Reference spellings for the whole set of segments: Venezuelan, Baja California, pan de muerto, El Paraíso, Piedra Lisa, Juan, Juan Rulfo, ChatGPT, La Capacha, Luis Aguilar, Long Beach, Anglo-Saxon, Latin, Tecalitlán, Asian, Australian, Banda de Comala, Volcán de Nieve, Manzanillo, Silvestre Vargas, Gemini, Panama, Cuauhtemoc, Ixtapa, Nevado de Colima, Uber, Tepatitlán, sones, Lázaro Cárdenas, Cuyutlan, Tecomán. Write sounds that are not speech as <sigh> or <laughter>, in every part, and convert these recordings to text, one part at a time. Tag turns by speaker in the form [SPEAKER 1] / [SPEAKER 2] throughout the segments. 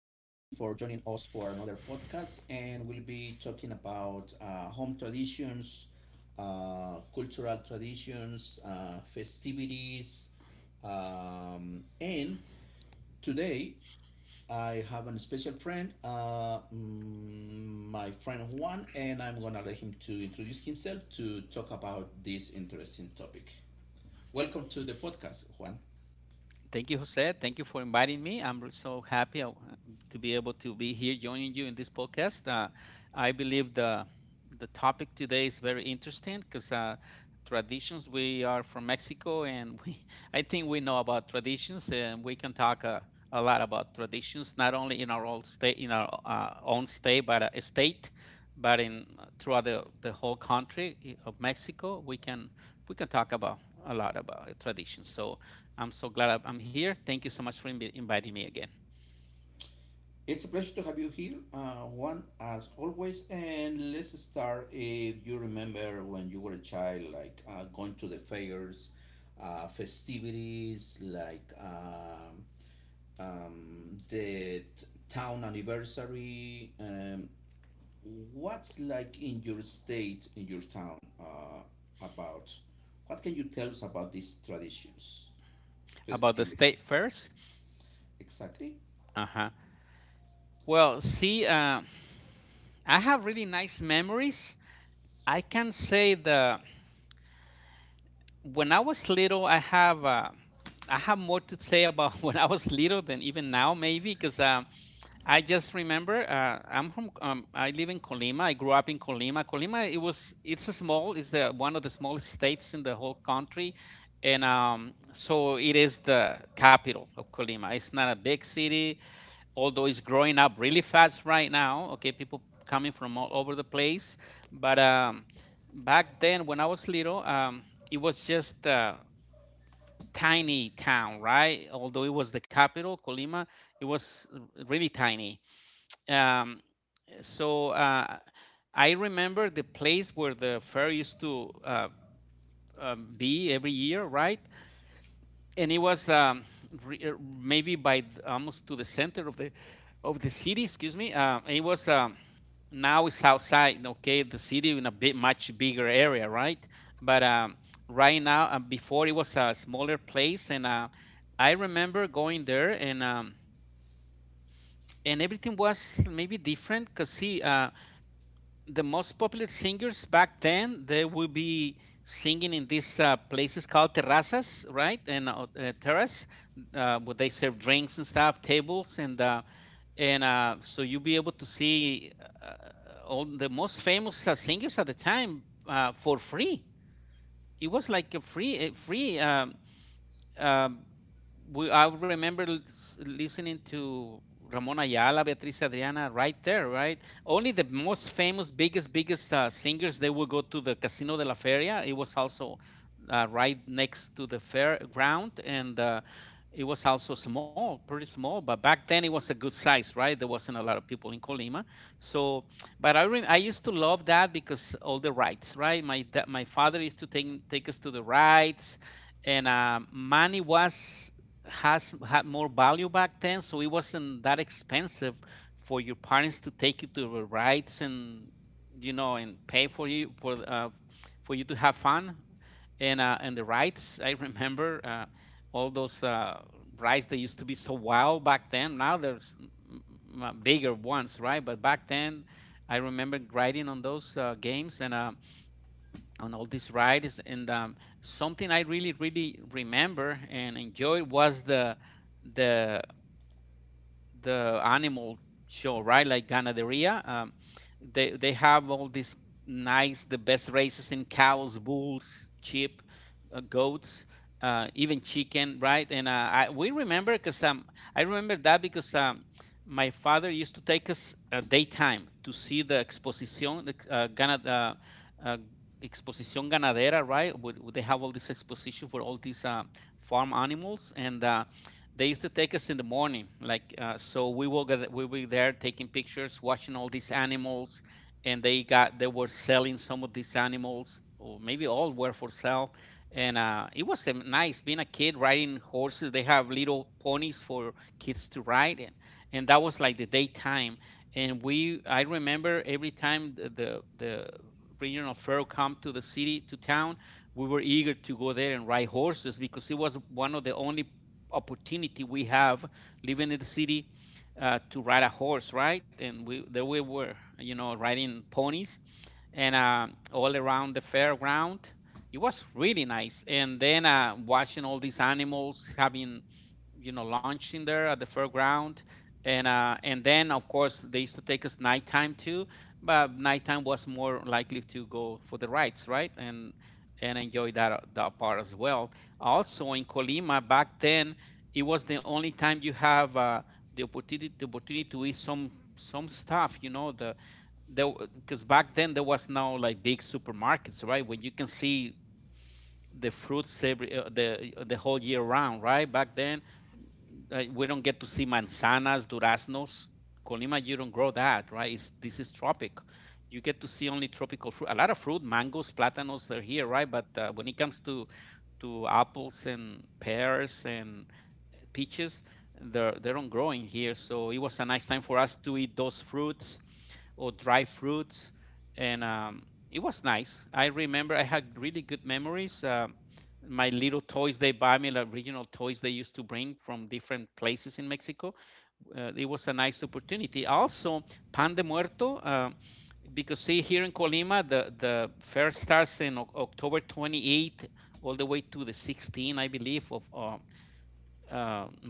[SPEAKER 1] joining us for another podcast, and we'll be talking about home traditions, cultural traditions, festivities, and today I have a special friend, my friend Juan, and I'm gonna let him to introduce himself to talk about this interesting topic. Welcome to the podcast, Juan. It's a pleasure to have you here, Juan, as always. And let's start. If you remember when you were a child, like going to the fairs, festivities, like the town anniversary. What's like in your state, in your town, about? What can you tell us about these traditions, festivities? Exactly.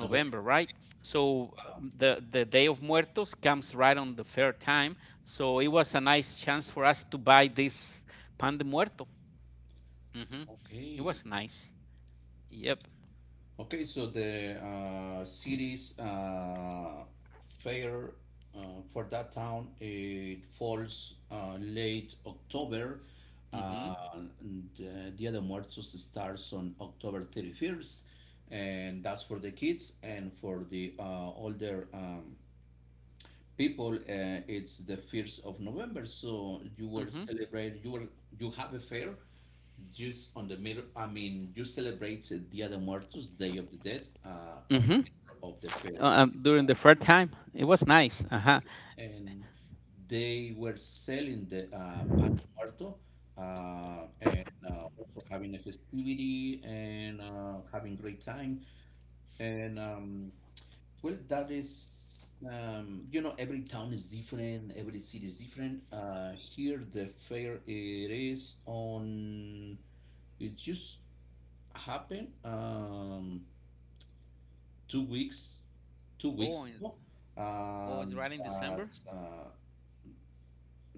[SPEAKER 1] November. Okay. Okay, so the city's fair uh, for that town it falls late October, and Dia de Muertos starts on October 31st, and that's for the kids and for the older people. It's the 1st of November, so you were celebrating. You have a fair just on the middle. I mean, you celebrated Dia de Muertos, Day of the Dead, on the middle of the fair. Okay? And they were selling the pan de muerto, and also having a festivity and having great time. And well, that is, you know, every town is different, every city is different. Here, the fair it is on. It's just happened two weeks 2 weeks ago. Um, but uh,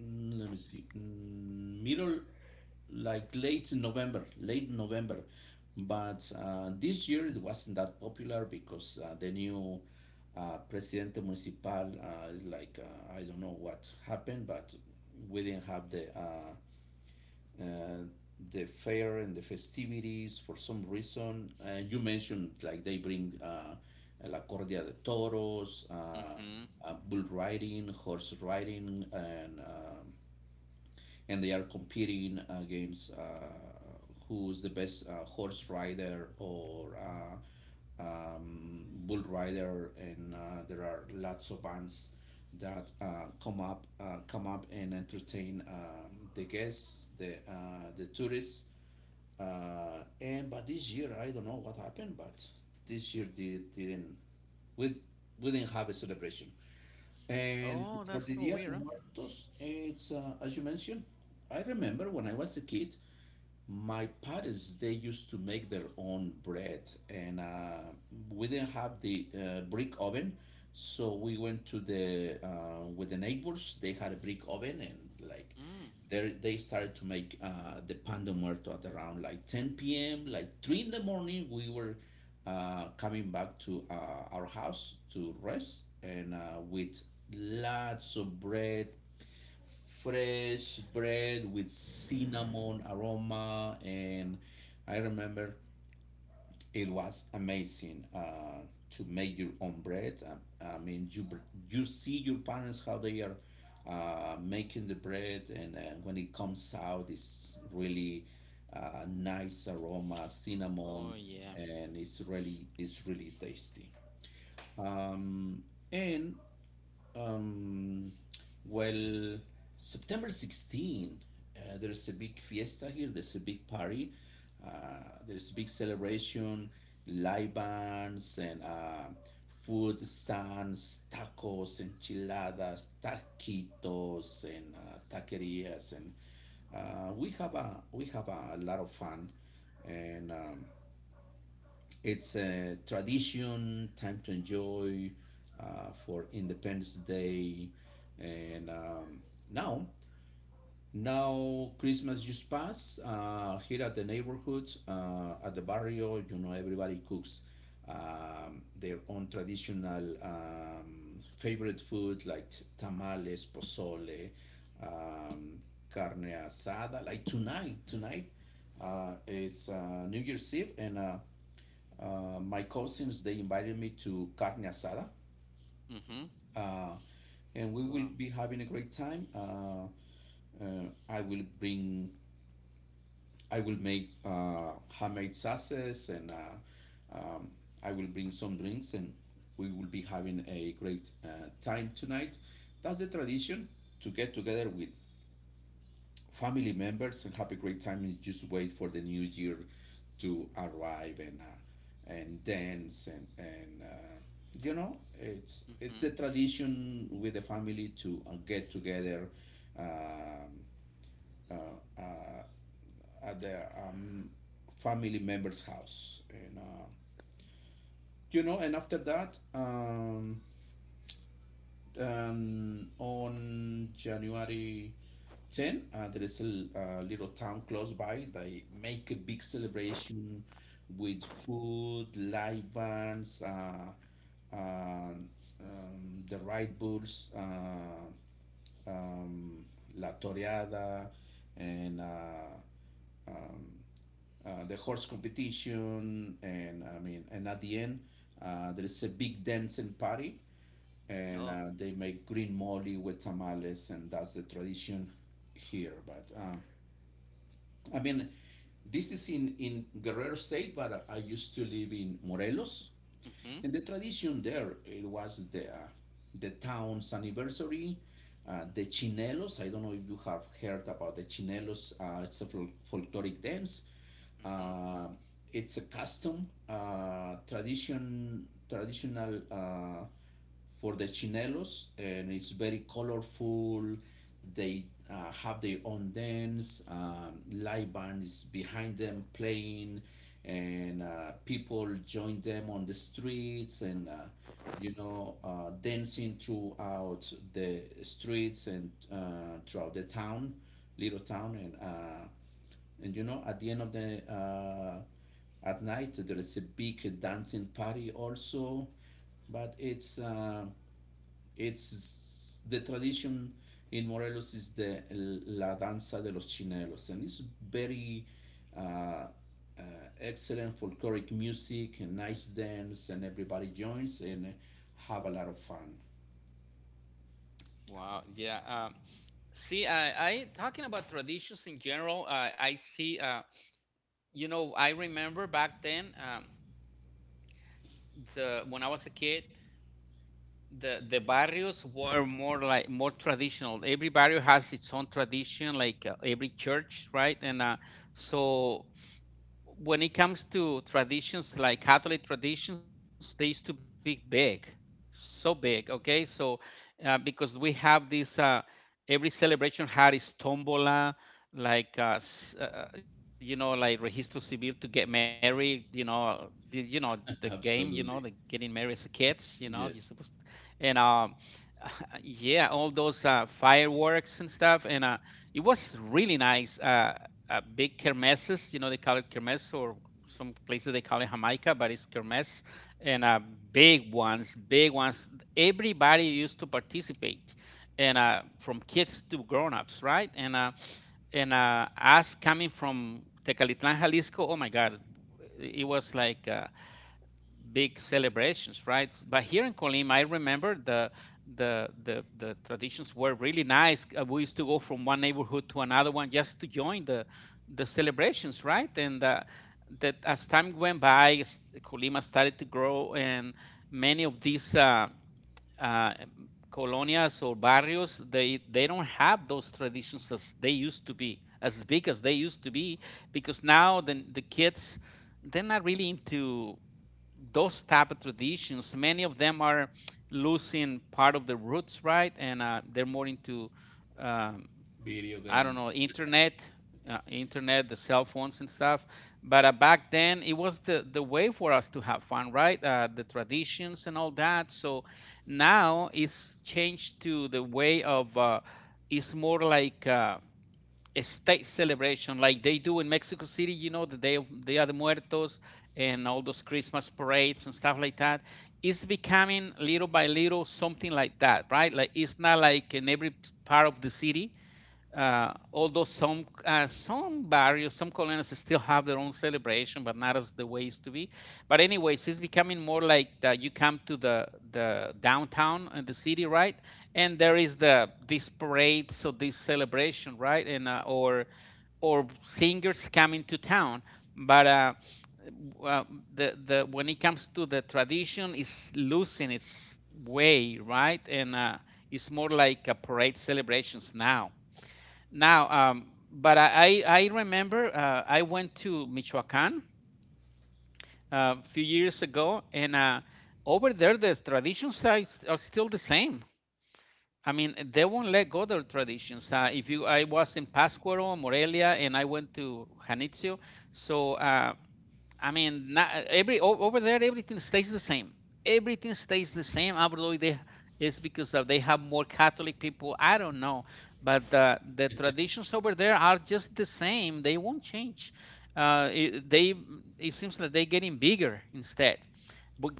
[SPEAKER 1] let me see, mm, middle like late November, late November. But this year it wasn't that popular because the new presidente municipal is like I don't know what happened, but we didn't have uh, the fair and the festivities for some reason. You mentioned like they bring La Cordia de Toros, bull riding, horse riding, and they are competing against who's the best horse rider or bull rider, and there are lots of bands that come up and entertain the guests, the tourists. And but this year, I don't know what happened, but this year they didn't. We we didn't have a celebration. And for the Dia de Muertos, it's as you mentioned. I remember when I was a kid, my parents, they used to make their own bread, and we didn't have the brick oven, so we went to the with the neighbors. They had a brick oven, and like they started to make the pan de muerto at around like 10 p.m. Like three in the morning, we were coming back to our house to rest, and with lots of bread, fresh bread with cinnamon aroma. And I remember it was amazing to make your own bread. I mean, you see your parents how they are making the bread, and when it comes out, it's really nice aroma, cinnamon, and it's really tasty. Um, and um, well, September 16, there is a big fiesta here. There's a big party. There's a big celebration, live bands and food stands, tacos, enchiladas, taquitos, and taquerias, and we have a lot of fun, and it's a tradition, time to enjoy for Independence Day, and now now Christmas just passed here at the neighborhood, at the barrio. You know, everybody cooks their own traditional favorite food like tamales, pozole, um, carne asada. Tonight is New Year's Eve, and my cousins, they invited me to carne asada, uh, and we will be having a great time. Uh, I will bring, I will make homemade sauces, and um, I will bring some drinks, and we will be having a great time tonight. That's the tradition, to get together with family members and have a great time and just wait for the new year to arrive and dance and you know, it's a tradition with the family to get together um, uh, uh, at the family member's house, and you know, and after that on January 10, there is a a little town close by. They make a big celebration with food, live bands, um, the Ride Bulls, um, La Toreada, and um, the horse competition. And I mean, and at the end, there is a big dancing party, and they make green mole with tamales, and that's the tradition here. But I mean, this is in Guerrero State, but I used to live in Morelos, and the tradition there it was the town's anniversary. The chinelos, I don't know if you have heard about the chinelos. It's a folkloric dance. Uh, it's a custom, tradition, traditional for the chinelos, and it's very colorful. They have their own dance. Live band is behind them playing, and people join them on the streets. And uh, you know, dancing throughout the streets and throughout the town, little town, and you know, at the end of the at night, there is a big dancing party also, but it's the tradition in Morelos is the la danza de los chinelos, and it's very uh, uh, excellent folkloric music and nice dance, and everybody joins and have a lot of fun. <laughs> Absolutely, yes. Video game.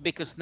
[SPEAKER 1] Oh,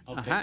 [SPEAKER 1] okay,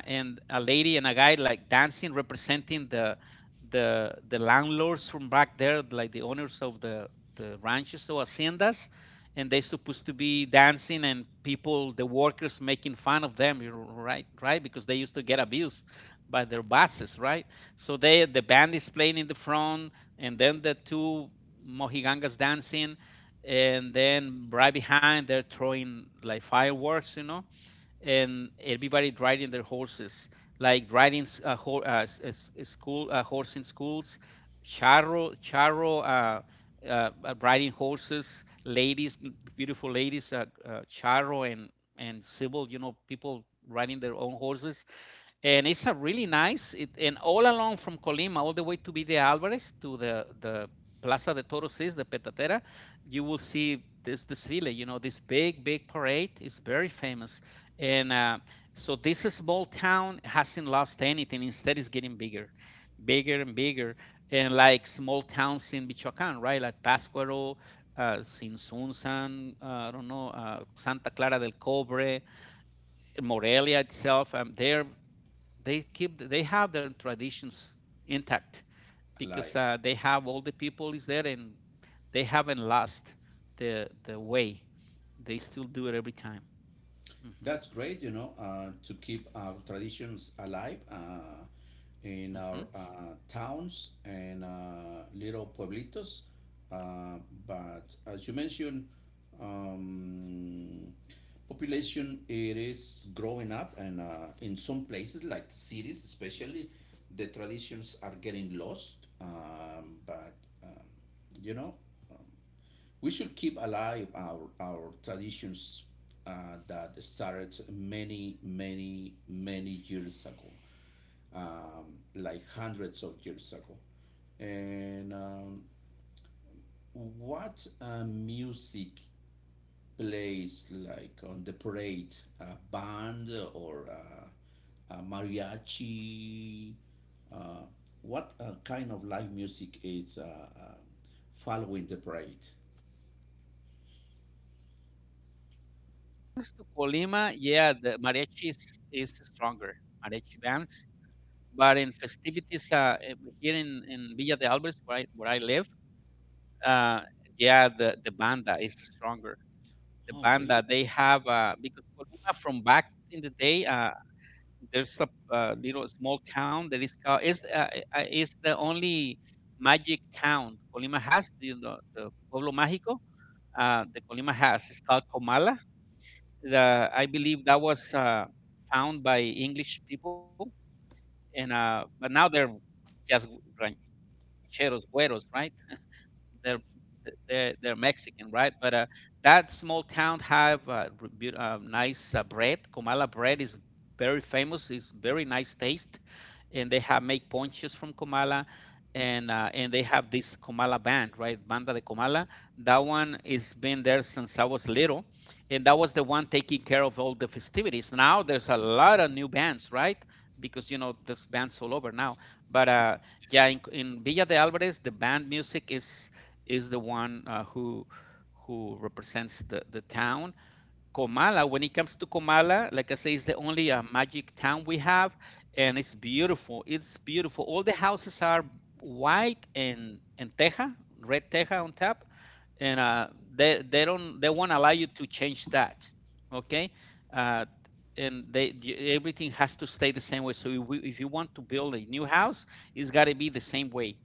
[SPEAKER 1] alive. That's great, you know, to keep our traditions alive in our towns and little pueblitos. Uh, but as you mentioned, um, population it is growing up, and in some places like cities, especially, the traditions are getting lost. But um, you know, we should keep alive our traditions that started many, many, many years ago, like hundreds of years ago. And what music plays like on the parade? A band or a mariachi? Uh, what kind of live music is following the parade?
[SPEAKER 2] Well, when it comes to Colima, yeah, the mariachi is stronger, mariachi bands. But in festivities here in Villa de Alvarez, where I live, uh, yeah, the banda is stronger. The
[SPEAKER 1] Oh, really.
[SPEAKER 2] banda, they have, because Colima from back in the day, there's a little small town that is is the only magic town Colima has, the Pueblo Mágico, the Colima has. It's called Comala. The I believe that was found by English people, and but now they're just rancheros, güeros, right? They're they're Mexican, right? But that small town have nice bread. Comala bread is very famous. It's very nice taste, and they have make ponches from comala, and they have this Comala band, right? Banda de Comala. That one is been there since I was little, and that was the one taking care of all the festivities. Now there's a lot of new bands, right? Because you know there's bands all over now. But yeah, in Villa de Alvarez, the band music is the one who represents the town Comala. When it comes to Comala, like I say, it's the only magic town we have, and it's beautiful. It's beautiful. All the houses are white and teja, red teja on top, and they won't allow you to change that. Okay, uh, and they everything has to stay the same way. So if you want to build a new house, it's got to be the same way.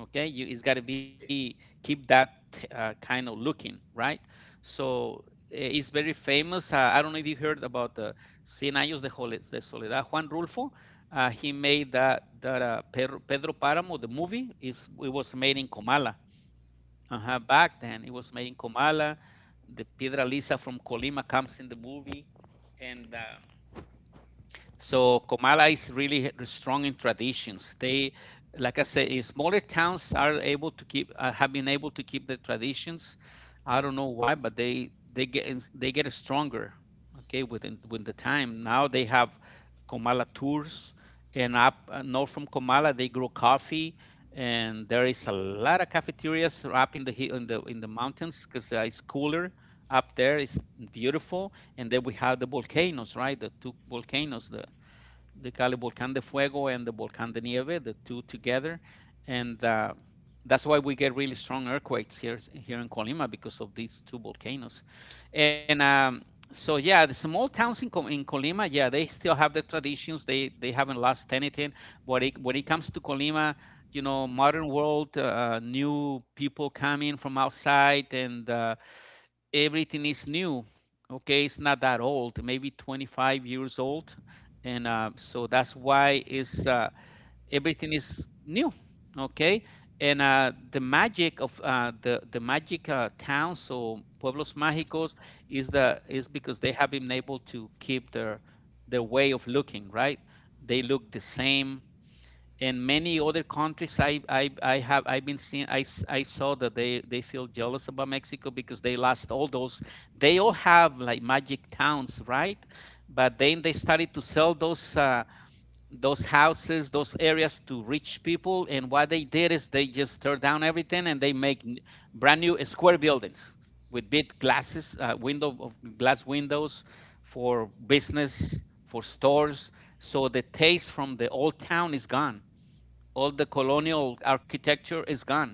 [SPEAKER 2] Okay, you it's got to be keep that kind of looking right. So is very famous. I don't know if you heard about the Cien Años de, de Soledad, Juan Rulfo. He made that Pedro Páramo, the movie, is it was made in Comala. Uh-huh, back then, it was made in Comala. The Piedra Lisa from Colima comes in the movie, and so Comala is really strong in traditions. They, like I said, smaller towns are able to keep have been able to keep their traditions. I don't know why, but they get stronger. Okay, with the time, now they have Comala tours, and up north from Comala they grow coffee, and there is a lot of cafeterias up in the in the mountains because it's cooler up there. Is beautiful. And then we have the volcanoes, right? The two volcanoes, the Cali Volcán de Fuego and the Volcán de Nieve, the two together, and that's why we get really strong earthquakes here in Colima because of these two volcanoes. And so yeah, the small towns in Colima, yeah, they still have their traditions. They haven't lost anything. When it comes to Colima, you know, modern world, new people come in from outside, and everything is new. Okay, it's not that old, maybe 25 years old, and so that's why is everything is new. Okay, and the magic of the magic towns or pueblos mágicos is, the is because they have been able to keep their way of looking, right? They look the same in many other countries. I have I've been seeing, I saw that they feel jealous about Mexico because they lost all those. They all have like magic towns, right? But then they started to sell those houses, those areas, to rich people, and what they did is they just tear down everything and they make brand new square buildings with big glasses, window of glass windows, for business, for stores. So the taste from the old town is gone, all the colonial architecture is gone,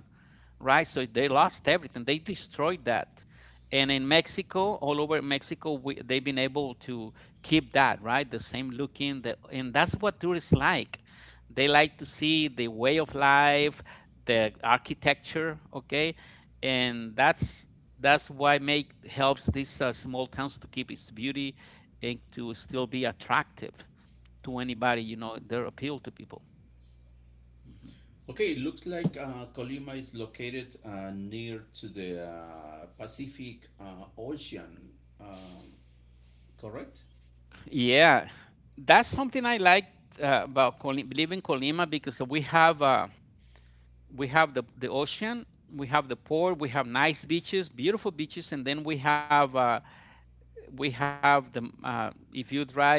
[SPEAKER 2] right? So they lost everything. They destroyed that. And in Mexico, all over Mexico, they've been able to keep that, right? The same looking, the, and that's what tourists like. They like to see the way of life, the architecture, okay? And that's why make helps these small towns to keep its beauty and to still be attractive to anybody, you know, their appeal to people. Mhm.
[SPEAKER 1] Okay, it looks like Colima is located near to the Pacific Ocean, um, correct?
[SPEAKER 2] Yeah, that's something I like about Colima, living Colima, because we have the ocean, we have the port, we have nice beaches, beautiful beaches, and then we have the if you drive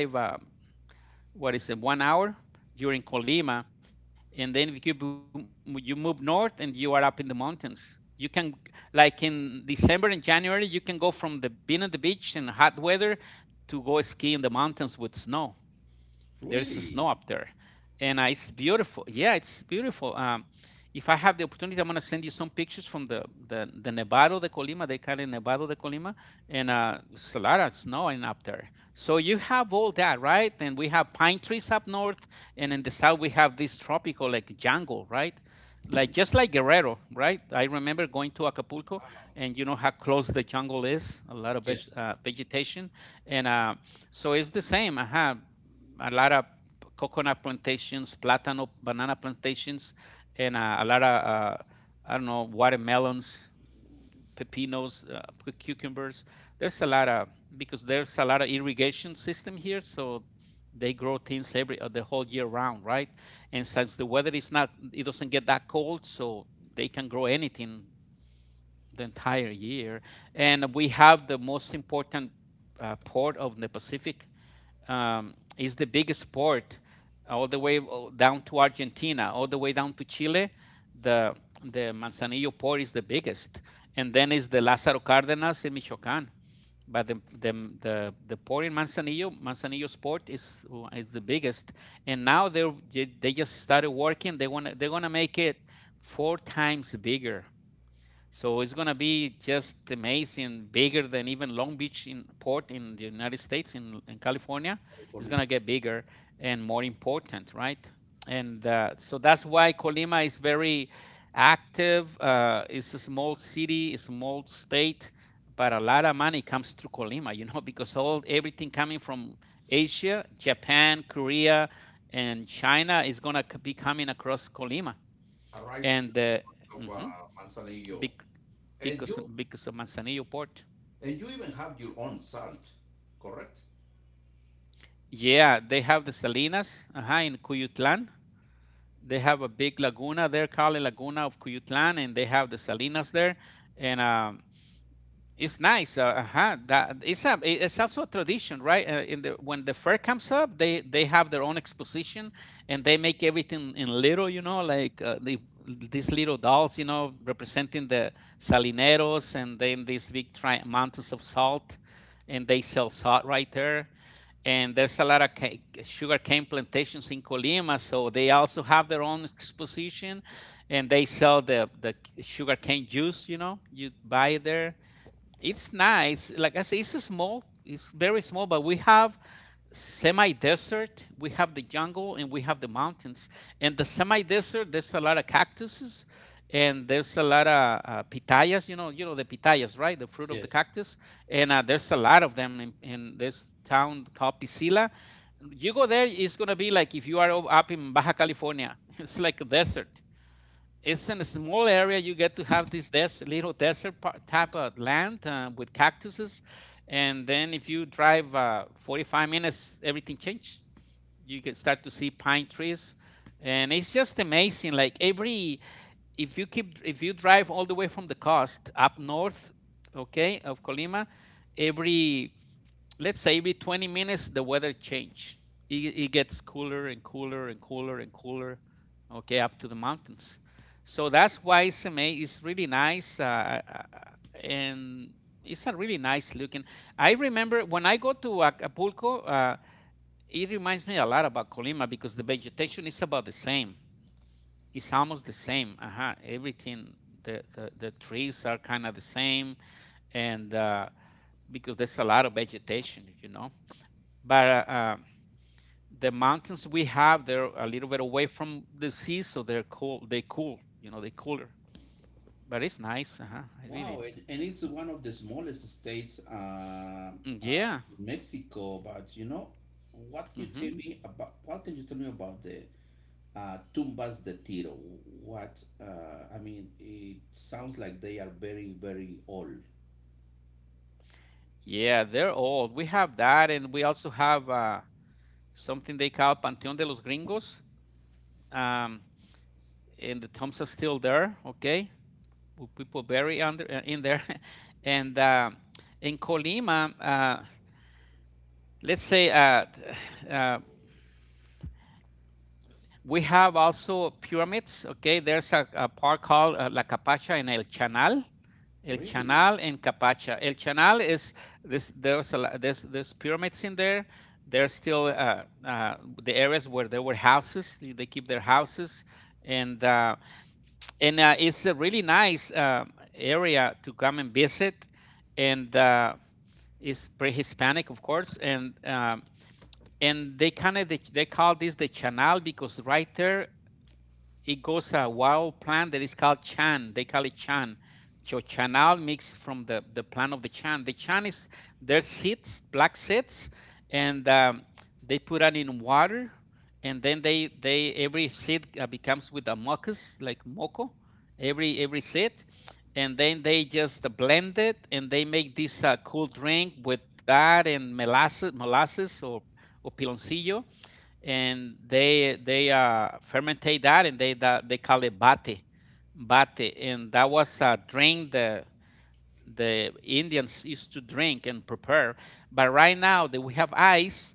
[SPEAKER 2] what is it, 1 hour, you're in Colima, and then if you you move north and you are up in the mountains. You can, like in December and January, you can go from the being at the beach in hot weather to go ski in the mountains with snow. There's snow up
[SPEAKER 1] Really?
[SPEAKER 2] there, and it's beautiful. Yeah, it's beautiful. If I have the opportunity, I'm gonna send you some pictures from the Nevado de Colima. They call it Nevado de Colima, and it's a lot of snow and up there. So you have all that, right? And we have pine trees up north, and in the south we have this tropical like jungle, right? Like just like Guerrero, right? I remember going to Acapulco,
[SPEAKER 1] Um,
[SPEAKER 2] and you know how close the jungle is, a lot of
[SPEAKER 1] yes.
[SPEAKER 2] vegetation, and so it's the same. Uh-huh. A lot of coconut plantations, platano, banana plantations, and a lot of I don't know, watermelons, pepinos, cucumbers. There's a lot of, because there's a lot of irrigation system here, so they grow things every the whole year round, right? And since the weather is not, it doesn't get that cold, so they can grow anything the entire year. And we have the most important port of the Pacific, is the biggest port all the way down to Argentina, all the way down to Chile. The the Manzanillo port is the biggest, and then is the Lázaro Cárdenas in Michoacán. But the port in Manzanillo, Manzanillo's port is the biggest, and now they just started working. They're gonna make it four times bigger, so it's gonna be just amazing, bigger than even Long Beach, in port in the United States, in California. It's
[SPEAKER 1] California.
[SPEAKER 2] gonna get bigger and more important, right? And so that's why Colima is very active. It's a small city, a small state, but a lot of money comes through Colima, you know, <laughs> because all everything coming from Asia, Japan, Korea, and China is gonna be coming across Colima,
[SPEAKER 1] Arrives to
[SPEAKER 2] and
[SPEAKER 1] of,
[SPEAKER 2] mhm,
[SPEAKER 1] Manzanillo,
[SPEAKER 2] bec-
[SPEAKER 1] and
[SPEAKER 2] because
[SPEAKER 1] you
[SPEAKER 2] because of Manzanillo Port.
[SPEAKER 1] and you even have your own salt, correct?
[SPEAKER 2] Yeah, they have the Salinas in Cuyutlan. They have a big laguna there, called Laguna of Cuyutlan, and they have the Salinas there. And it's nice. Uh-huh. That it's also a tradition, right? In the when the fair comes up, they have their own exposition, and they make everything in little, you know, like these little dolls, you know, representing the salineros, and then these big mountains of salt, and they sell salt right there. And there's a lot of sugar cane plantations in Colima, so they also have their own exposition, and they sell the sugar cane juice, you know, you buy there. It's nice. Like I say, it's a small. It's very small, but we have semi-desert, we have the jungle, and we have the mountains. And the semi-desert, there's a lot of cactuses, and there's a lot of pitayas. You know the pitayas, right? The fruit of the
[SPEAKER 1] Yes.
[SPEAKER 2] cactus. And there's a lot of them in this town called Piscila. You go there, it's gonna be like if you are up in Baja California. <laughs> It's like a desert. It's in a small area. You get to have this little desert type of land with cactuses, and then if you drive 45 minutes, everything changes. You can start to see pine trees, and it's just amazing. Like every, if you drive all the way from the coast up north, okay, of Colima, every let's say every 20 minutes the weather change, it gets cooler and cooler and cooler and cooler, okay, up to the mountains. So that's why SMA is really nice, and it's a really nice looking. I remember when I go to Acapulco, it reminds me a lot about Colima because the vegetation is about the same. It's almost the same, uh-huh, everything. The trees are kind of the same, and because there's a lot of vegetation, you know. But the mountains we have, they're a little bit away from the sea, so they're cool. They cool, you know, they cooler. But it's nice, uh-huh.
[SPEAKER 1] Wow, and it's one of the smallest states
[SPEAKER 2] Yeah,
[SPEAKER 1] in Mexico. But you know, what can you tell
[SPEAKER 2] hmm
[SPEAKER 1] me about? What can you tell me about the Tumbas de Tiro. What I mean, it sounds like they are very, very old.
[SPEAKER 2] yeah. They're old. We have that, and we also have something they call Panteón de los Gringos. Um, and the tombs are still there, okay? People bury under in there, <laughs> and in Colima, let's say uh, we have also pyramids. Okay, there's a park called La Capacha in El Chanal. El
[SPEAKER 1] Really,
[SPEAKER 2] Chanal and Capacha. El Chanal is this. There's pyramids in there. There's still the areas where there were houses. They keep their houses, and uh, and it's a really nice area to come and visit. And It's pre-Hispanic, of course, and and they they call this the Chanal because right there it goes a wild plant that is called chan. They call it chan. So chanal mixed from the plant of the chan. The chan is their seeds, black seeds, and they put it in water, and then they every seed becomes with a mucus like moco, every seed, and then they just blend it and they make this cool drink with that and molasses, molasses or piloncillo, and they fermentate that and they call it bate. And that was a drink the indians used to drink and prepare. But right now that we have ice,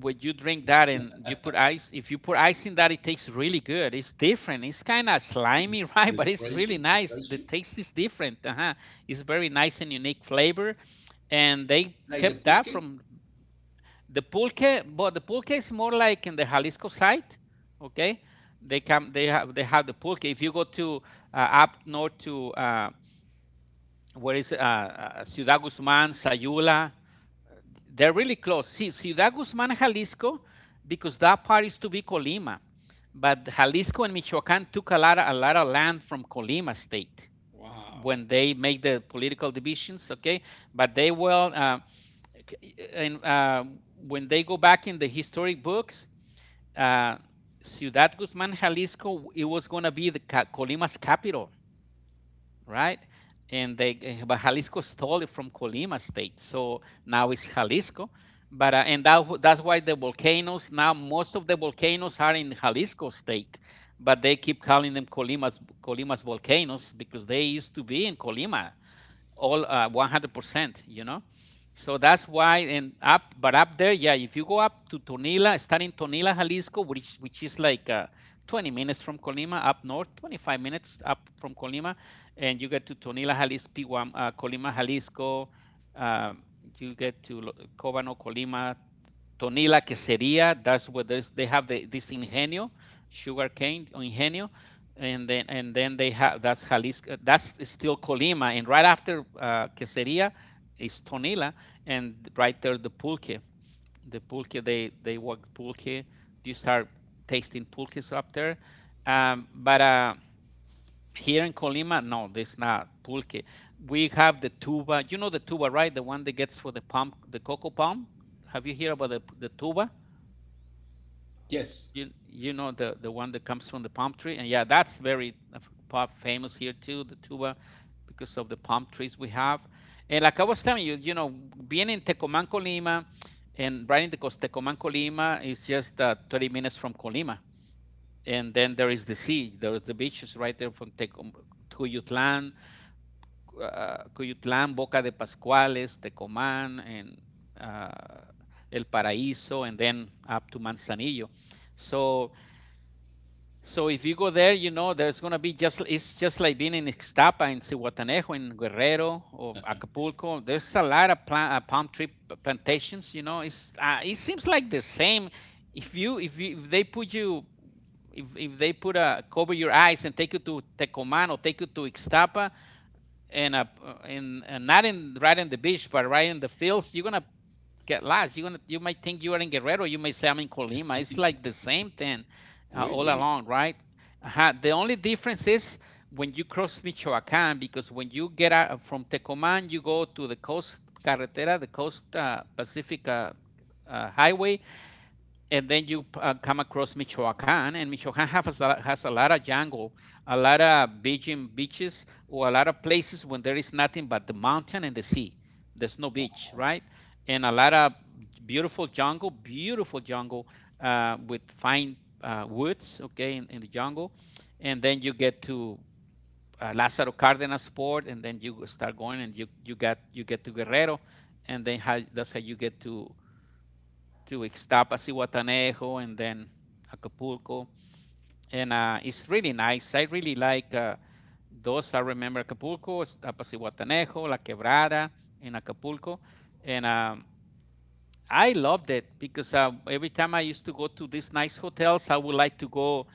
[SPEAKER 2] when you drink that and you put ice, if you put ice in that, it tastes really good. It's different. It's kind of slimy, <laughs> right, but
[SPEAKER 1] it's
[SPEAKER 2] it's really
[SPEAKER 1] refreshing,
[SPEAKER 2] nice. The
[SPEAKER 1] refreshing,
[SPEAKER 2] taste is different, uh-huh. It's very nice and unique flavor, and they
[SPEAKER 1] like the
[SPEAKER 2] kept that
[SPEAKER 1] pulque.
[SPEAKER 2] from the pulque, but the pulque is more like in the Jalisco side, okay? They come, they have the pulque. If you go to up north to where is Ciudad Guzmán, Sayula, they're really close. See, Ciudad Guzmán, Jalisco, because that part is to be Colima, but Jalisco and Michoacán took a lot of land from Colima state
[SPEAKER 1] Wow.
[SPEAKER 2] when they make the political divisions, okay, but they will and when they go back in the historic books uh, Ciudad Guzmán, Jalisco, it was going to be the Colima's capital, right? But Jalisco stole it from Colima state, so now it's Jalisco. But that's why the volcanoes, now most of the volcanoes are in Jalisco state, but they keep calling them Colima's volcanoes because they used to be in Colima, all 100%, you know? So that's why, but up there, yeah, if you go up to Tonila, starting Tonila, Jalisco, which is like 20 minutes from Colima up north, 25 minutes up from Colima, and you get to Tonila, Jalisco, P1, Colima, Jalisco, um, you get to Cobano, Colima, Tonila Queseria. That's what they have the, this ingenio, sugarcane ingenio, and then they have, that's Jalisco. That's still Colima, and right after Queseria is Tonila, and right there the pulque. The pulque, they work pulque. You start tasting pulques up there, but. Here in Colima, no, there's not pulque. We have the tuba. You know the tuba, right? The one that gets for the palm, the cocoa palm. Have you heard about the tuba?
[SPEAKER 1] Yes,
[SPEAKER 2] You know the one that comes from the palm tree, and yeah, that's very famous here too, the tuba, because of the palm trees we have. And like I was telling you, you know, being in Tecomanco, Lima, and right in the coast, Tecomanco, Lima is just 30 minutes from Colima, and then there is the sea, there is the beaches right there from Tecom, Cuyutlan, Cuyutlan, Boca de Pascuales, Tecomán, and uh, El Paraíso, and then up to Manzanillo. So so if you go there, you know there's gonna be just, it's just like being in Ixtapa, in Cihuatanejo, in Guerrero, or Acapulco. There's a lot of palm tree plantations. You know, it's it seems like the same. If they put you, if they put a cover your eyes and take you to Tecoman or take you to Ixtapa, and in not in right in the beach but right in the fields, you're gonna get lost. You're gonna, you might think you are in Guerrero. You may say I'm in Colima. It's like the same thing all
[SPEAKER 1] really.
[SPEAKER 2] along, right? Uh-huh. The only difference is when you cross Michoacán, because when you get out from Tecomán, you go to the coast carretera, the coast Pacific highway, and then you come across Michoacan, and Michoacan has has a lot of jungle, a lot of beaching beaches, or a lot of places when there is nothing but the mountain and the sea. There's no beach,
[SPEAKER 1] Wow.
[SPEAKER 2] right? And a lot of beautiful jungle with fine woods, okay, in the jungle. And then you get to Lázaro Cárdenas port, and then you start going, and you get to Guerrero, that's how you get to Ixtapas, Iwatanejo, and then Acapulco. And it's really nice. I really like those. I remember Acapulco, Ixtapas, Iwatanejo, La Quebrada, and Acapulco. And I loved it because every time I used to go to these nice hotels, I would like to go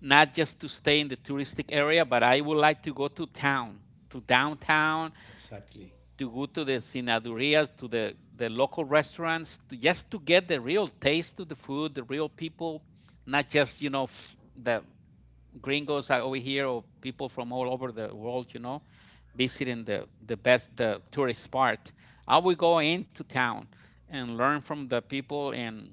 [SPEAKER 2] not just to stay in the touristic area, but I would like to go to town, to downtown,
[SPEAKER 1] Exactly.
[SPEAKER 2] to go to the sinadurias, to the local restaurants, to, just to get the real taste of the food, the real people, not just, you know, the gringos are over here, or people from all over the world, you know, visiting the best, the tourist spot. I would go into town and learn from the people. And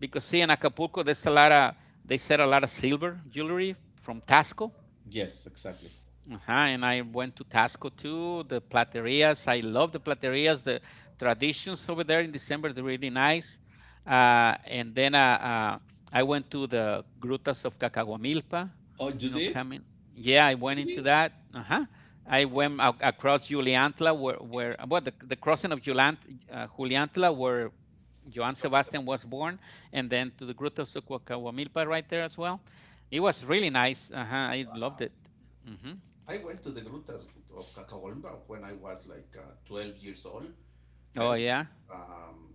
[SPEAKER 2] because see, in Acapulco, there's a lot of, they sell a lot of silver jewelry from Tasco,
[SPEAKER 1] Yes, exactly.
[SPEAKER 2] uh-huh, and I went to Tasco too, the platerias. I love the platerias, the traditions over there in December, they're really nice. And then I went to the Grutas of Cacahuamilpa,
[SPEAKER 1] Oh, you
[SPEAKER 2] you know,
[SPEAKER 1] did?
[SPEAKER 2] coming. Yeah, I went into
[SPEAKER 1] Really?
[SPEAKER 2] that. Uh-huh. I went across Juliantla, where the crossing of Juliantla, where Joan
[SPEAKER 1] Joan
[SPEAKER 2] Sebastian was
[SPEAKER 1] Sebastian.
[SPEAKER 2] born, and then to the Grutas of Cacahuamilpa right there as well. It was really nice. Uh-huh, I loved it. Mm-hmm.
[SPEAKER 1] I went to the Grutas of Cacahuamba when I was like 12 years old. I
[SPEAKER 2] Oh
[SPEAKER 1] remember.
[SPEAKER 2] yeah.
[SPEAKER 1] Um,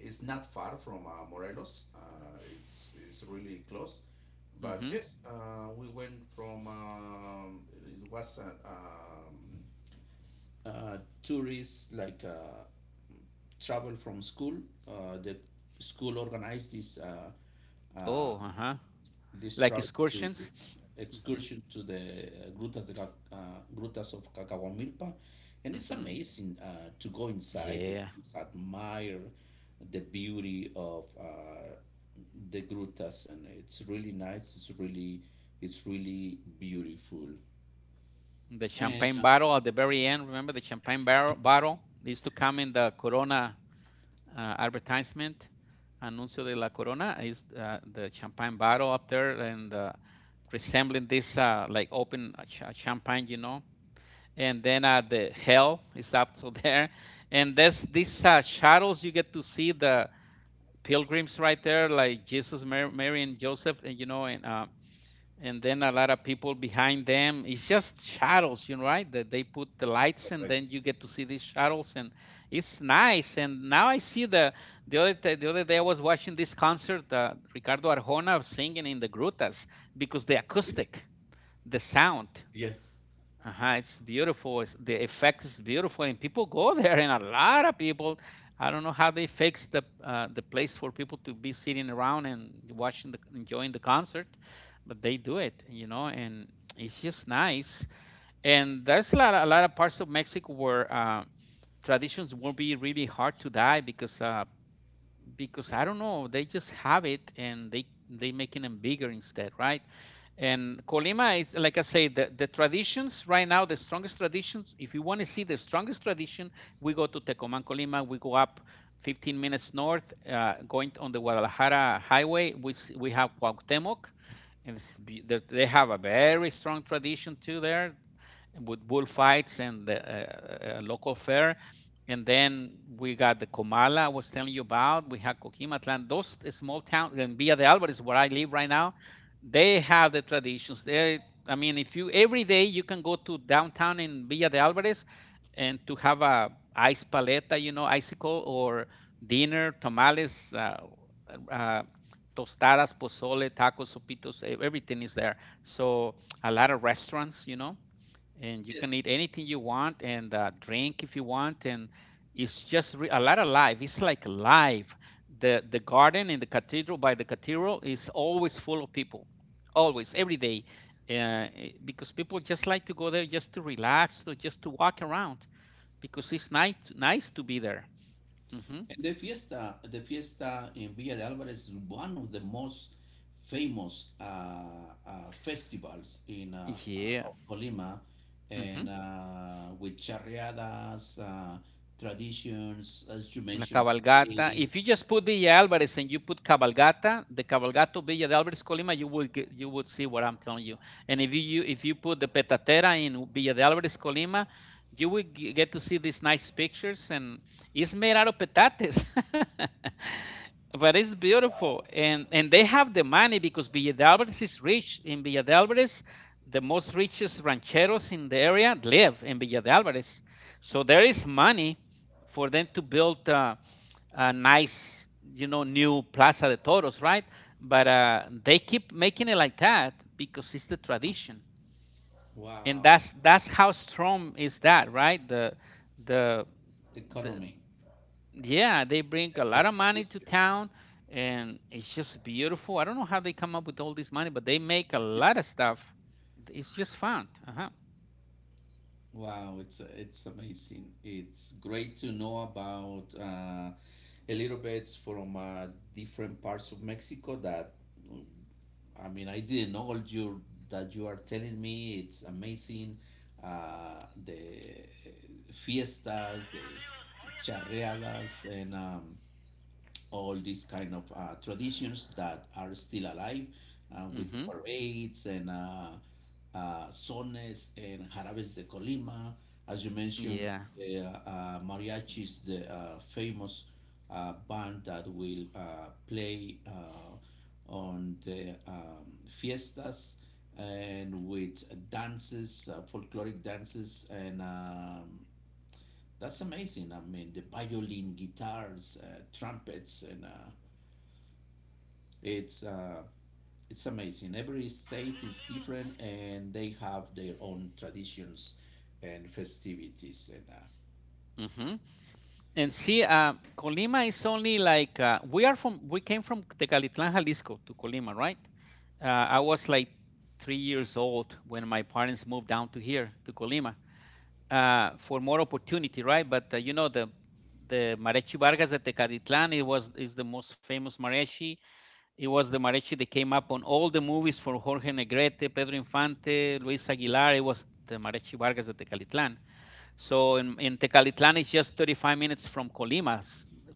[SPEAKER 1] it's not far from Morelos. It's really close. But
[SPEAKER 2] Mhm.
[SPEAKER 1] yes, we went from it was a uh, tourist, like travel from school. The school organized this uh,
[SPEAKER 2] Oh, uh-huh.
[SPEAKER 1] this
[SPEAKER 2] Like
[SPEAKER 1] travel to
[SPEAKER 2] excursions. Mhm.
[SPEAKER 1] excursion to the grutas of Cacahuamilpa, and it's
[SPEAKER 2] Mhm.
[SPEAKER 1] amazing to go inside and
[SPEAKER 2] Yeah.
[SPEAKER 1] just admire the beauty of the grutas, and it's really nice. It's really beautiful.
[SPEAKER 2] The
[SPEAKER 1] And
[SPEAKER 2] champagne bottle at the very end. Remember the champagne barrel bottle used to come in the Corona advertisement, anuncio de la Corona. Is the champagne bottle up there and resembling this like open champagne, you know. And then the hell is up to <laughs> there, and there's these shadows, you get to see the pilgrims right there, like Jesus, Mary, and Joseph, and you know, and then a lot of people behind them. It's just shadows, you know, right? That they put the lights, and
[SPEAKER 1] right.
[SPEAKER 2] then you get to see these shadows, and it's nice. And now I see the the other day I was watching this concert, Ricardo Arjona singing in the grutas because the
[SPEAKER 1] Really?
[SPEAKER 2] acoustic, the sound,
[SPEAKER 1] Yes.
[SPEAKER 2] uh-huh, it's beautiful. It's, the effect is beautiful, and people go <laughs> there, and a lot of people. I don't know how they fix the place for people to be sitting around and watching the enjoying the concert, but they do it, you know, and it's just nice. And there's a lot of parts of Mexico where traditions will be really hard to die because I don't know, they just have it and they making them bigger instead, right? And Colima is like I say, the traditions right now, the strongest traditions. If you want to see the strongest tradition, we go to Tecoman, Colima. We go up 15 minutes north, going on the Guadalajara highway. We have Cuauhtemoc, and it's, they have a very strong tradition too there with bullfights and the local fair. And then we got the Comala I was telling you about. We had Coquimatlan. Those small towns and Villa de Alvarez, where I live right now, they have the traditions. They, I mean, if you every day you can go to downtown in Villa de Alvarez and to have a ice paleta, you know, icicle or dinner, tamales, uh, tostadas, pozole, tacos, sopitos, everything is there. So a lot of restaurants, you know, and you can
[SPEAKER 1] Yes.
[SPEAKER 2] eat anything you want and drink if you want. And a lot of life, it's like live. The garden in the cathedral, by the cathedral, is always full of people, always, every day, because people just like to go there just to relax or just to walk around because it's nice to be there. Hmm.
[SPEAKER 1] And the fiesta in Villa de Álvarez is one of the most famous festivals in
[SPEAKER 2] Yeah.
[SPEAKER 1] of Colima, and
[SPEAKER 2] Hmm.
[SPEAKER 1] with charreadas, traditions, as you
[SPEAKER 2] La
[SPEAKER 1] mentioned,
[SPEAKER 2] cabalgata.
[SPEAKER 1] parades.
[SPEAKER 2] If you just put Villa Alvarez and you put cabalgata, the cabalgato Villa de Alvarez Colima, you would see what I'm telling you. And if you put the petatera in Villa de Alvarez Colima, you will get to see these nice pictures, and it's made out of petates. <laughs> But it's beautiful,
[SPEAKER 1] Wow,
[SPEAKER 2] and they have the money because Villa de Alvarez is rich. In Villa de Alvarez, the most richest rancheros in the area live in Villa de Alvarez. So there is money for them to build a nice, new Plaza de Toros, right? But they keep making it like that because it's the tradition, and
[SPEAKER 1] wow,
[SPEAKER 2] that's how strong is that, right? The
[SPEAKER 1] the
[SPEAKER 2] the
[SPEAKER 1] economy
[SPEAKER 2] Yeah, they bring
[SPEAKER 1] and
[SPEAKER 2] a
[SPEAKER 1] the
[SPEAKER 2] lot of money to
[SPEAKER 1] tradition.
[SPEAKER 2] town, and it's just beautiful. I don't know how they come up with all this money, but they make a lot of stuff. It's just fun. Uh huh.
[SPEAKER 1] Wow, it's amazing. It's great to know about a little bit from different parts of Mexico that mm, I mean, I didn't know all you that you are telling me. It's amazing. The fiestas, the charreadas, and all these kind of traditions that are still alive with
[SPEAKER 2] Mhm.
[SPEAKER 1] parades and sones and jarabes de Colima. As you mentioned,
[SPEAKER 2] Yeah.
[SPEAKER 1] the mariachis, the famous band that will play on the fiestas and with dances, folkloric dances, and that's amazing. I mean, the violin, guitars, trumpets, and it's uh, it's amazing. Every state is different, and they have their own traditions and festivities. And
[SPEAKER 2] Mhm. And see, Colima is only like we are from. We came from Tecalitlán, Jalisco, to Colima, right? I was like 3 years old when my parents moved down to here, to Colima, for more opportunity, right? But you know the mariachi Vargas de Tecalitlán. It was is the most famous mariachi. It was the mariachi that came up on all the movies for Jorge Negrete, Pedro Infante, Luis Aguilar. It was the mariachi Vargas de Tecalitlán. So in Tecalitlan is just 35 minutes from Colima,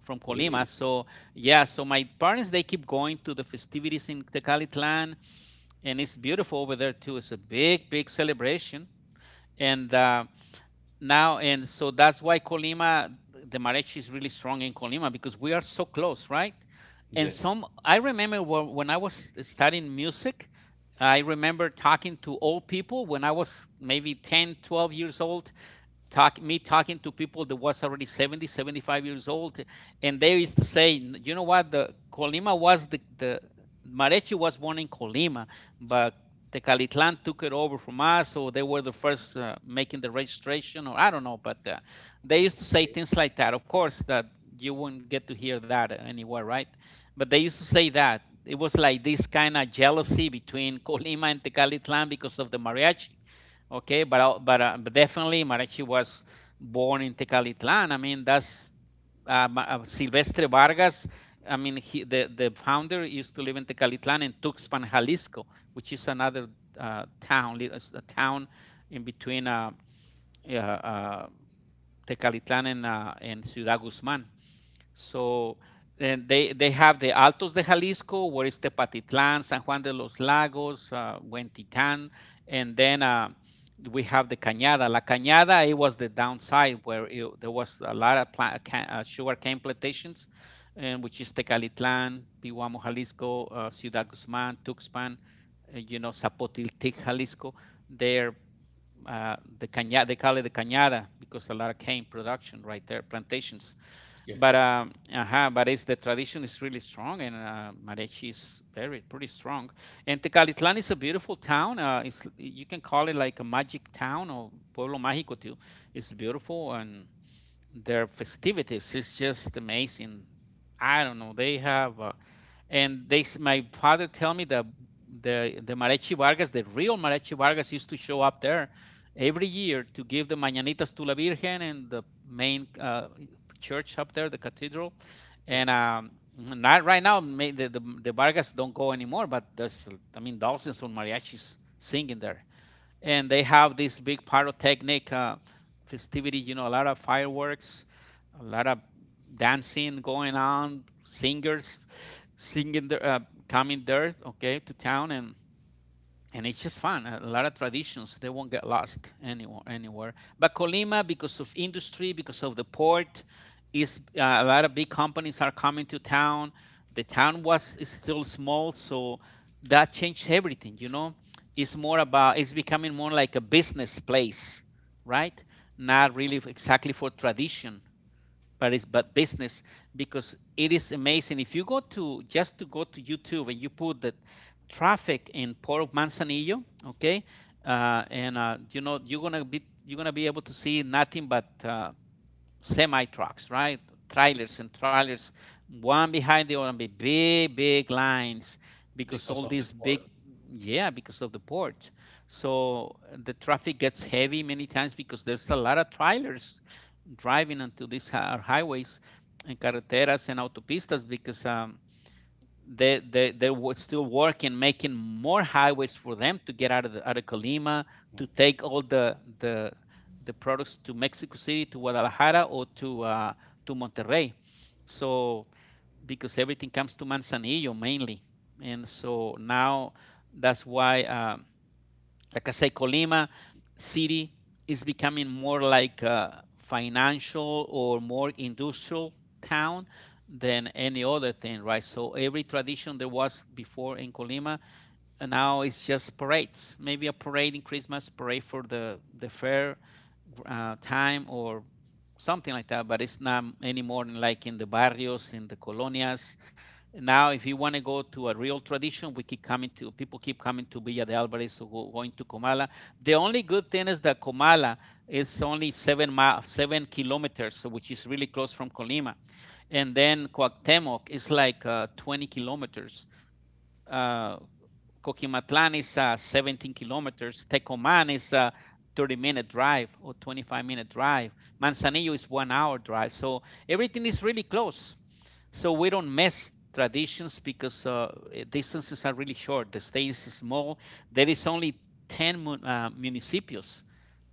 [SPEAKER 1] really?
[SPEAKER 2] So, yeah, so my parents, they keep going to the festivities in Tecalitlan, and it's beautiful over there too. It's a big, big celebration, and now, and so that's why Colima, the mariachi is really strong in Colima because we are so close, right? And
[SPEAKER 1] Yes,
[SPEAKER 2] some I remember when I was studying music, I remember talking to old people when I was maybe 10, 12 years old, talking to people that was already 70, 75 years old, and they used to say, you know what, the Colima was the marechi was born in Colima, but the took it over from us, so they were the first making the registration, or I don't know, but they used to say
[SPEAKER 1] okay,
[SPEAKER 2] things like that. Of course, that you wouldn't get to hear that anywhere, right? But they used to say that it was like this kind of jealousy between <laughs> Colima and Tecalitlan because of the mariachi. Okay, but definitely Marachi was born in Tecalitlan. I mean, that's Silvestre Vargas. I mean, he, the founder used to live in Tecalitlan in Tuxpan, Jalisco, which is another town, it's a town in between yeah, Tecalitlan and Ciudad Guzmán. So they have the Altos de Jalisco, where is Tepatitlán, San Juan de los Lagos, Huentitán, and then we have the Cañada. La Cañada, it was the downside where there was a lot of sugar cane plantations, and which is Tecalitlán, Pihuamo, Jalisco, Ciudad Guzmán, Tuxpan, Zapotiltic, Jalisco. There, the Cañada, they call it the Cañada because a lot of cane production right there, plantations,
[SPEAKER 1] yes,
[SPEAKER 2] but it's the tradition is really strong, and Marechi is very pretty strong. And Tecalitlan is a beautiful town. It's You can call it like a magic town or pueblo mágico too. It's beautiful, and their festivities is just amazing. I don't know. They have and they my father tell me that the mariachi Vargas, the real mariachi Vargas, used to show up there every year to give the mañanitas to la Virgen and the main church up there, the cathedral. And
[SPEAKER 1] yes,
[SPEAKER 2] not right now, the Vargas don't go anymore, but there's, I mean, thousands of mariachis singing there, and they have this big pyrotechnic festivity, a lot of fireworks, a lot of dancing going on, singers singing coming there, okay, to town, and it's just fun. A lot of traditions, they won't get lost anywhere. Anywhere, but Colima, because of industry, because of the port, is a lot of big companies are coming to town. The town was is still small, so that changed everything. You know, it's becoming more like a business place, right? Not really exactly for tradition, but it's but business, because it is amazing, if you go to just to go to YouTube and you put the traffic in port of Manzanillo. Okay, and you know, you're gonna be able to see nothing but semi trucks, right? Trailers and trailers, one behind the other, and big, big lines, because
[SPEAKER 1] because of the port.
[SPEAKER 2] yeah, because of the port. So the traffic gets heavy many times because there's a lot of trailers driving onto these highways and carreteras and autopistas because they were still working, making more highways for them to get out of out of Colima to
[SPEAKER 1] Okay,
[SPEAKER 2] take all the products to Mexico City, to Guadalajara, or to Monterrey. So because everything comes to Manzanillo mainly, and so now that's why like I say, Colima city is becoming more like a financial or more industrial town than any other thing, right? So every tradition there was before in Colima, and now it's just parades. Maybe a parade in Christmas, parade for the fair time, or something like that, but it's not any more than like in the barrios, in the colonias. Now, if you want to go to a real tradition, we keep coming to people keep coming to Villa de Alvarez or going to Comala. The only good thing is that Comala is only 7 kilometers, so which is really close from Colima, and then Cuauhtemoc is like 20 kilometers. Uh, Coquimatlan is 17 kilometers. Tecomán is a 30-minute drive or 25-minute drive. Manzanillo is 1 hour drive. So everything is really close. So we don't miss traditions because distances are really short. The state is small. There is only 10 municipios.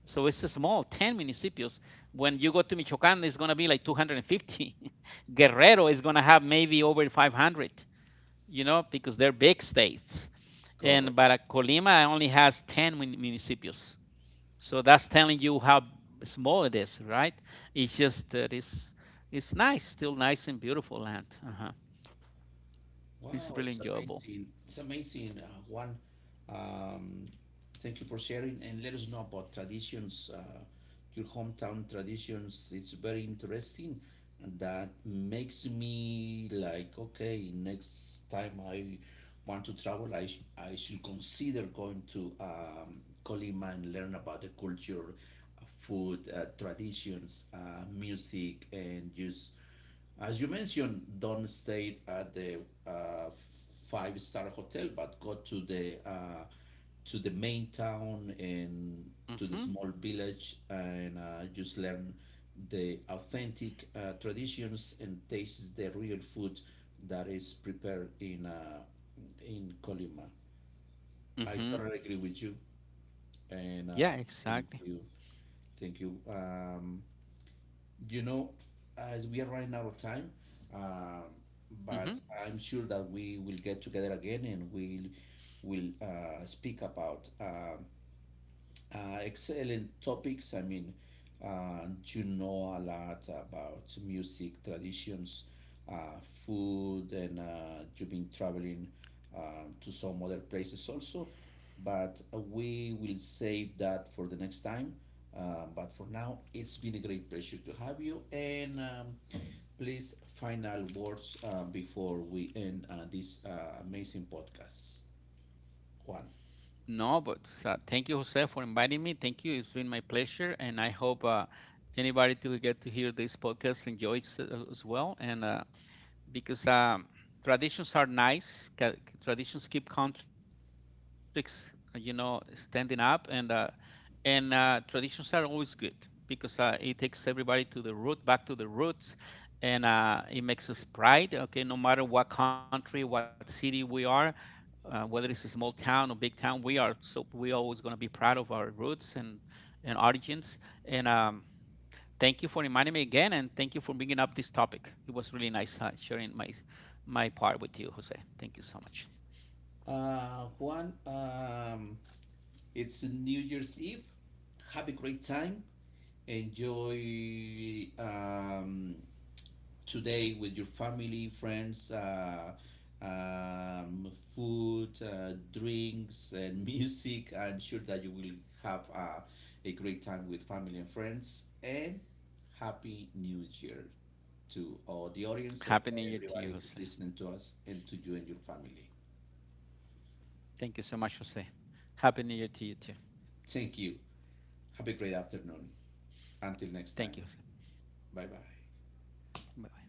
[SPEAKER 2] So it's small, 10 municipios. When you go to Michoacán, it's going to be like 250. <laughs> Guerrero is going to have maybe over 500, you know, because they're big states. And
[SPEAKER 1] correct.
[SPEAKER 2] but Colima only has 10 municipios. So that's telling you how small it is, right? It's just that it's nice, still nice and beautiful land. Uh-huh. It's
[SPEAKER 1] Wow,
[SPEAKER 2] really
[SPEAKER 1] it's
[SPEAKER 2] enjoyable.
[SPEAKER 1] amazing. It's amazing, Juan. Um, Thank you for sharing and let us know about traditions, your hometown traditions. It's very interesting. And that makes me like, okay, next time I want to travel, I should consider going to Colima and learn about the culture, food, traditions, music, and just, as you mentioned, don't stay at the uh, five-star hotel, but go to the main town and to the
[SPEAKER 2] Mhm.
[SPEAKER 1] small village, and just learn the authentic traditions and taste the real food that is prepared in Colima. I
[SPEAKER 2] Mhm.
[SPEAKER 1] totally agree with you, and
[SPEAKER 2] Yeah,
[SPEAKER 1] thank
[SPEAKER 2] exactly.
[SPEAKER 1] you, thank you. You know, as we are running out of time, um,
[SPEAKER 2] Mhm.
[SPEAKER 1] but I'm sure that we will get together again, and we'll will speak about excel in topics. I mean, you know a lot about music traditions, uh, food, and you've been traveling to some other places also. But we will save that for the next time. But for now, it's been a great pleasure to have you. And please, final words before we end this amazing podcast, Juan.
[SPEAKER 2] No, but thank you, Jose, for inviting me. Thank you. It's been my pleasure, and I hope anybody to get to hear this podcast enjoys it as well. And because traditions are nice. Traditions keep countries, you know, standing up, and traditions are always good because it takes everybody to the root, back to the roots, and it makes us pride. Okay, no matter what country, what city we are, whether it's a small town or big town, we are so we always gonna be proud of our roots and origins, and thank you for reminding me again, and thank you for bringing up this topic. It was really nice sharing my part with you, Jose. Thank you so much.
[SPEAKER 1] Juan, it's New Year's Eve. Have a great time. Enjoy today with your family, friends, food, drinks, and <laughs> music. I'm sure that you will have a great time with family and friends. And Happy New Year to all the audience
[SPEAKER 2] Happy
[SPEAKER 1] and
[SPEAKER 2] New Year to you,
[SPEAKER 1] everybody
[SPEAKER 2] Jose.
[SPEAKER 1] who's listening to us and to you and your family.
[SPEAKER 2] Thank you so much, Jose. Happy New Year to you too.
[SPEAKER 1] Thank you. Have a great afternoon. Until next
[SPEAKER 2] Thank you,
[SPEAKER 1] time.
[SPEAKER 2] Jose.
[SPEAKER 1] Bye bye.
[SPEAKER 2] Bye.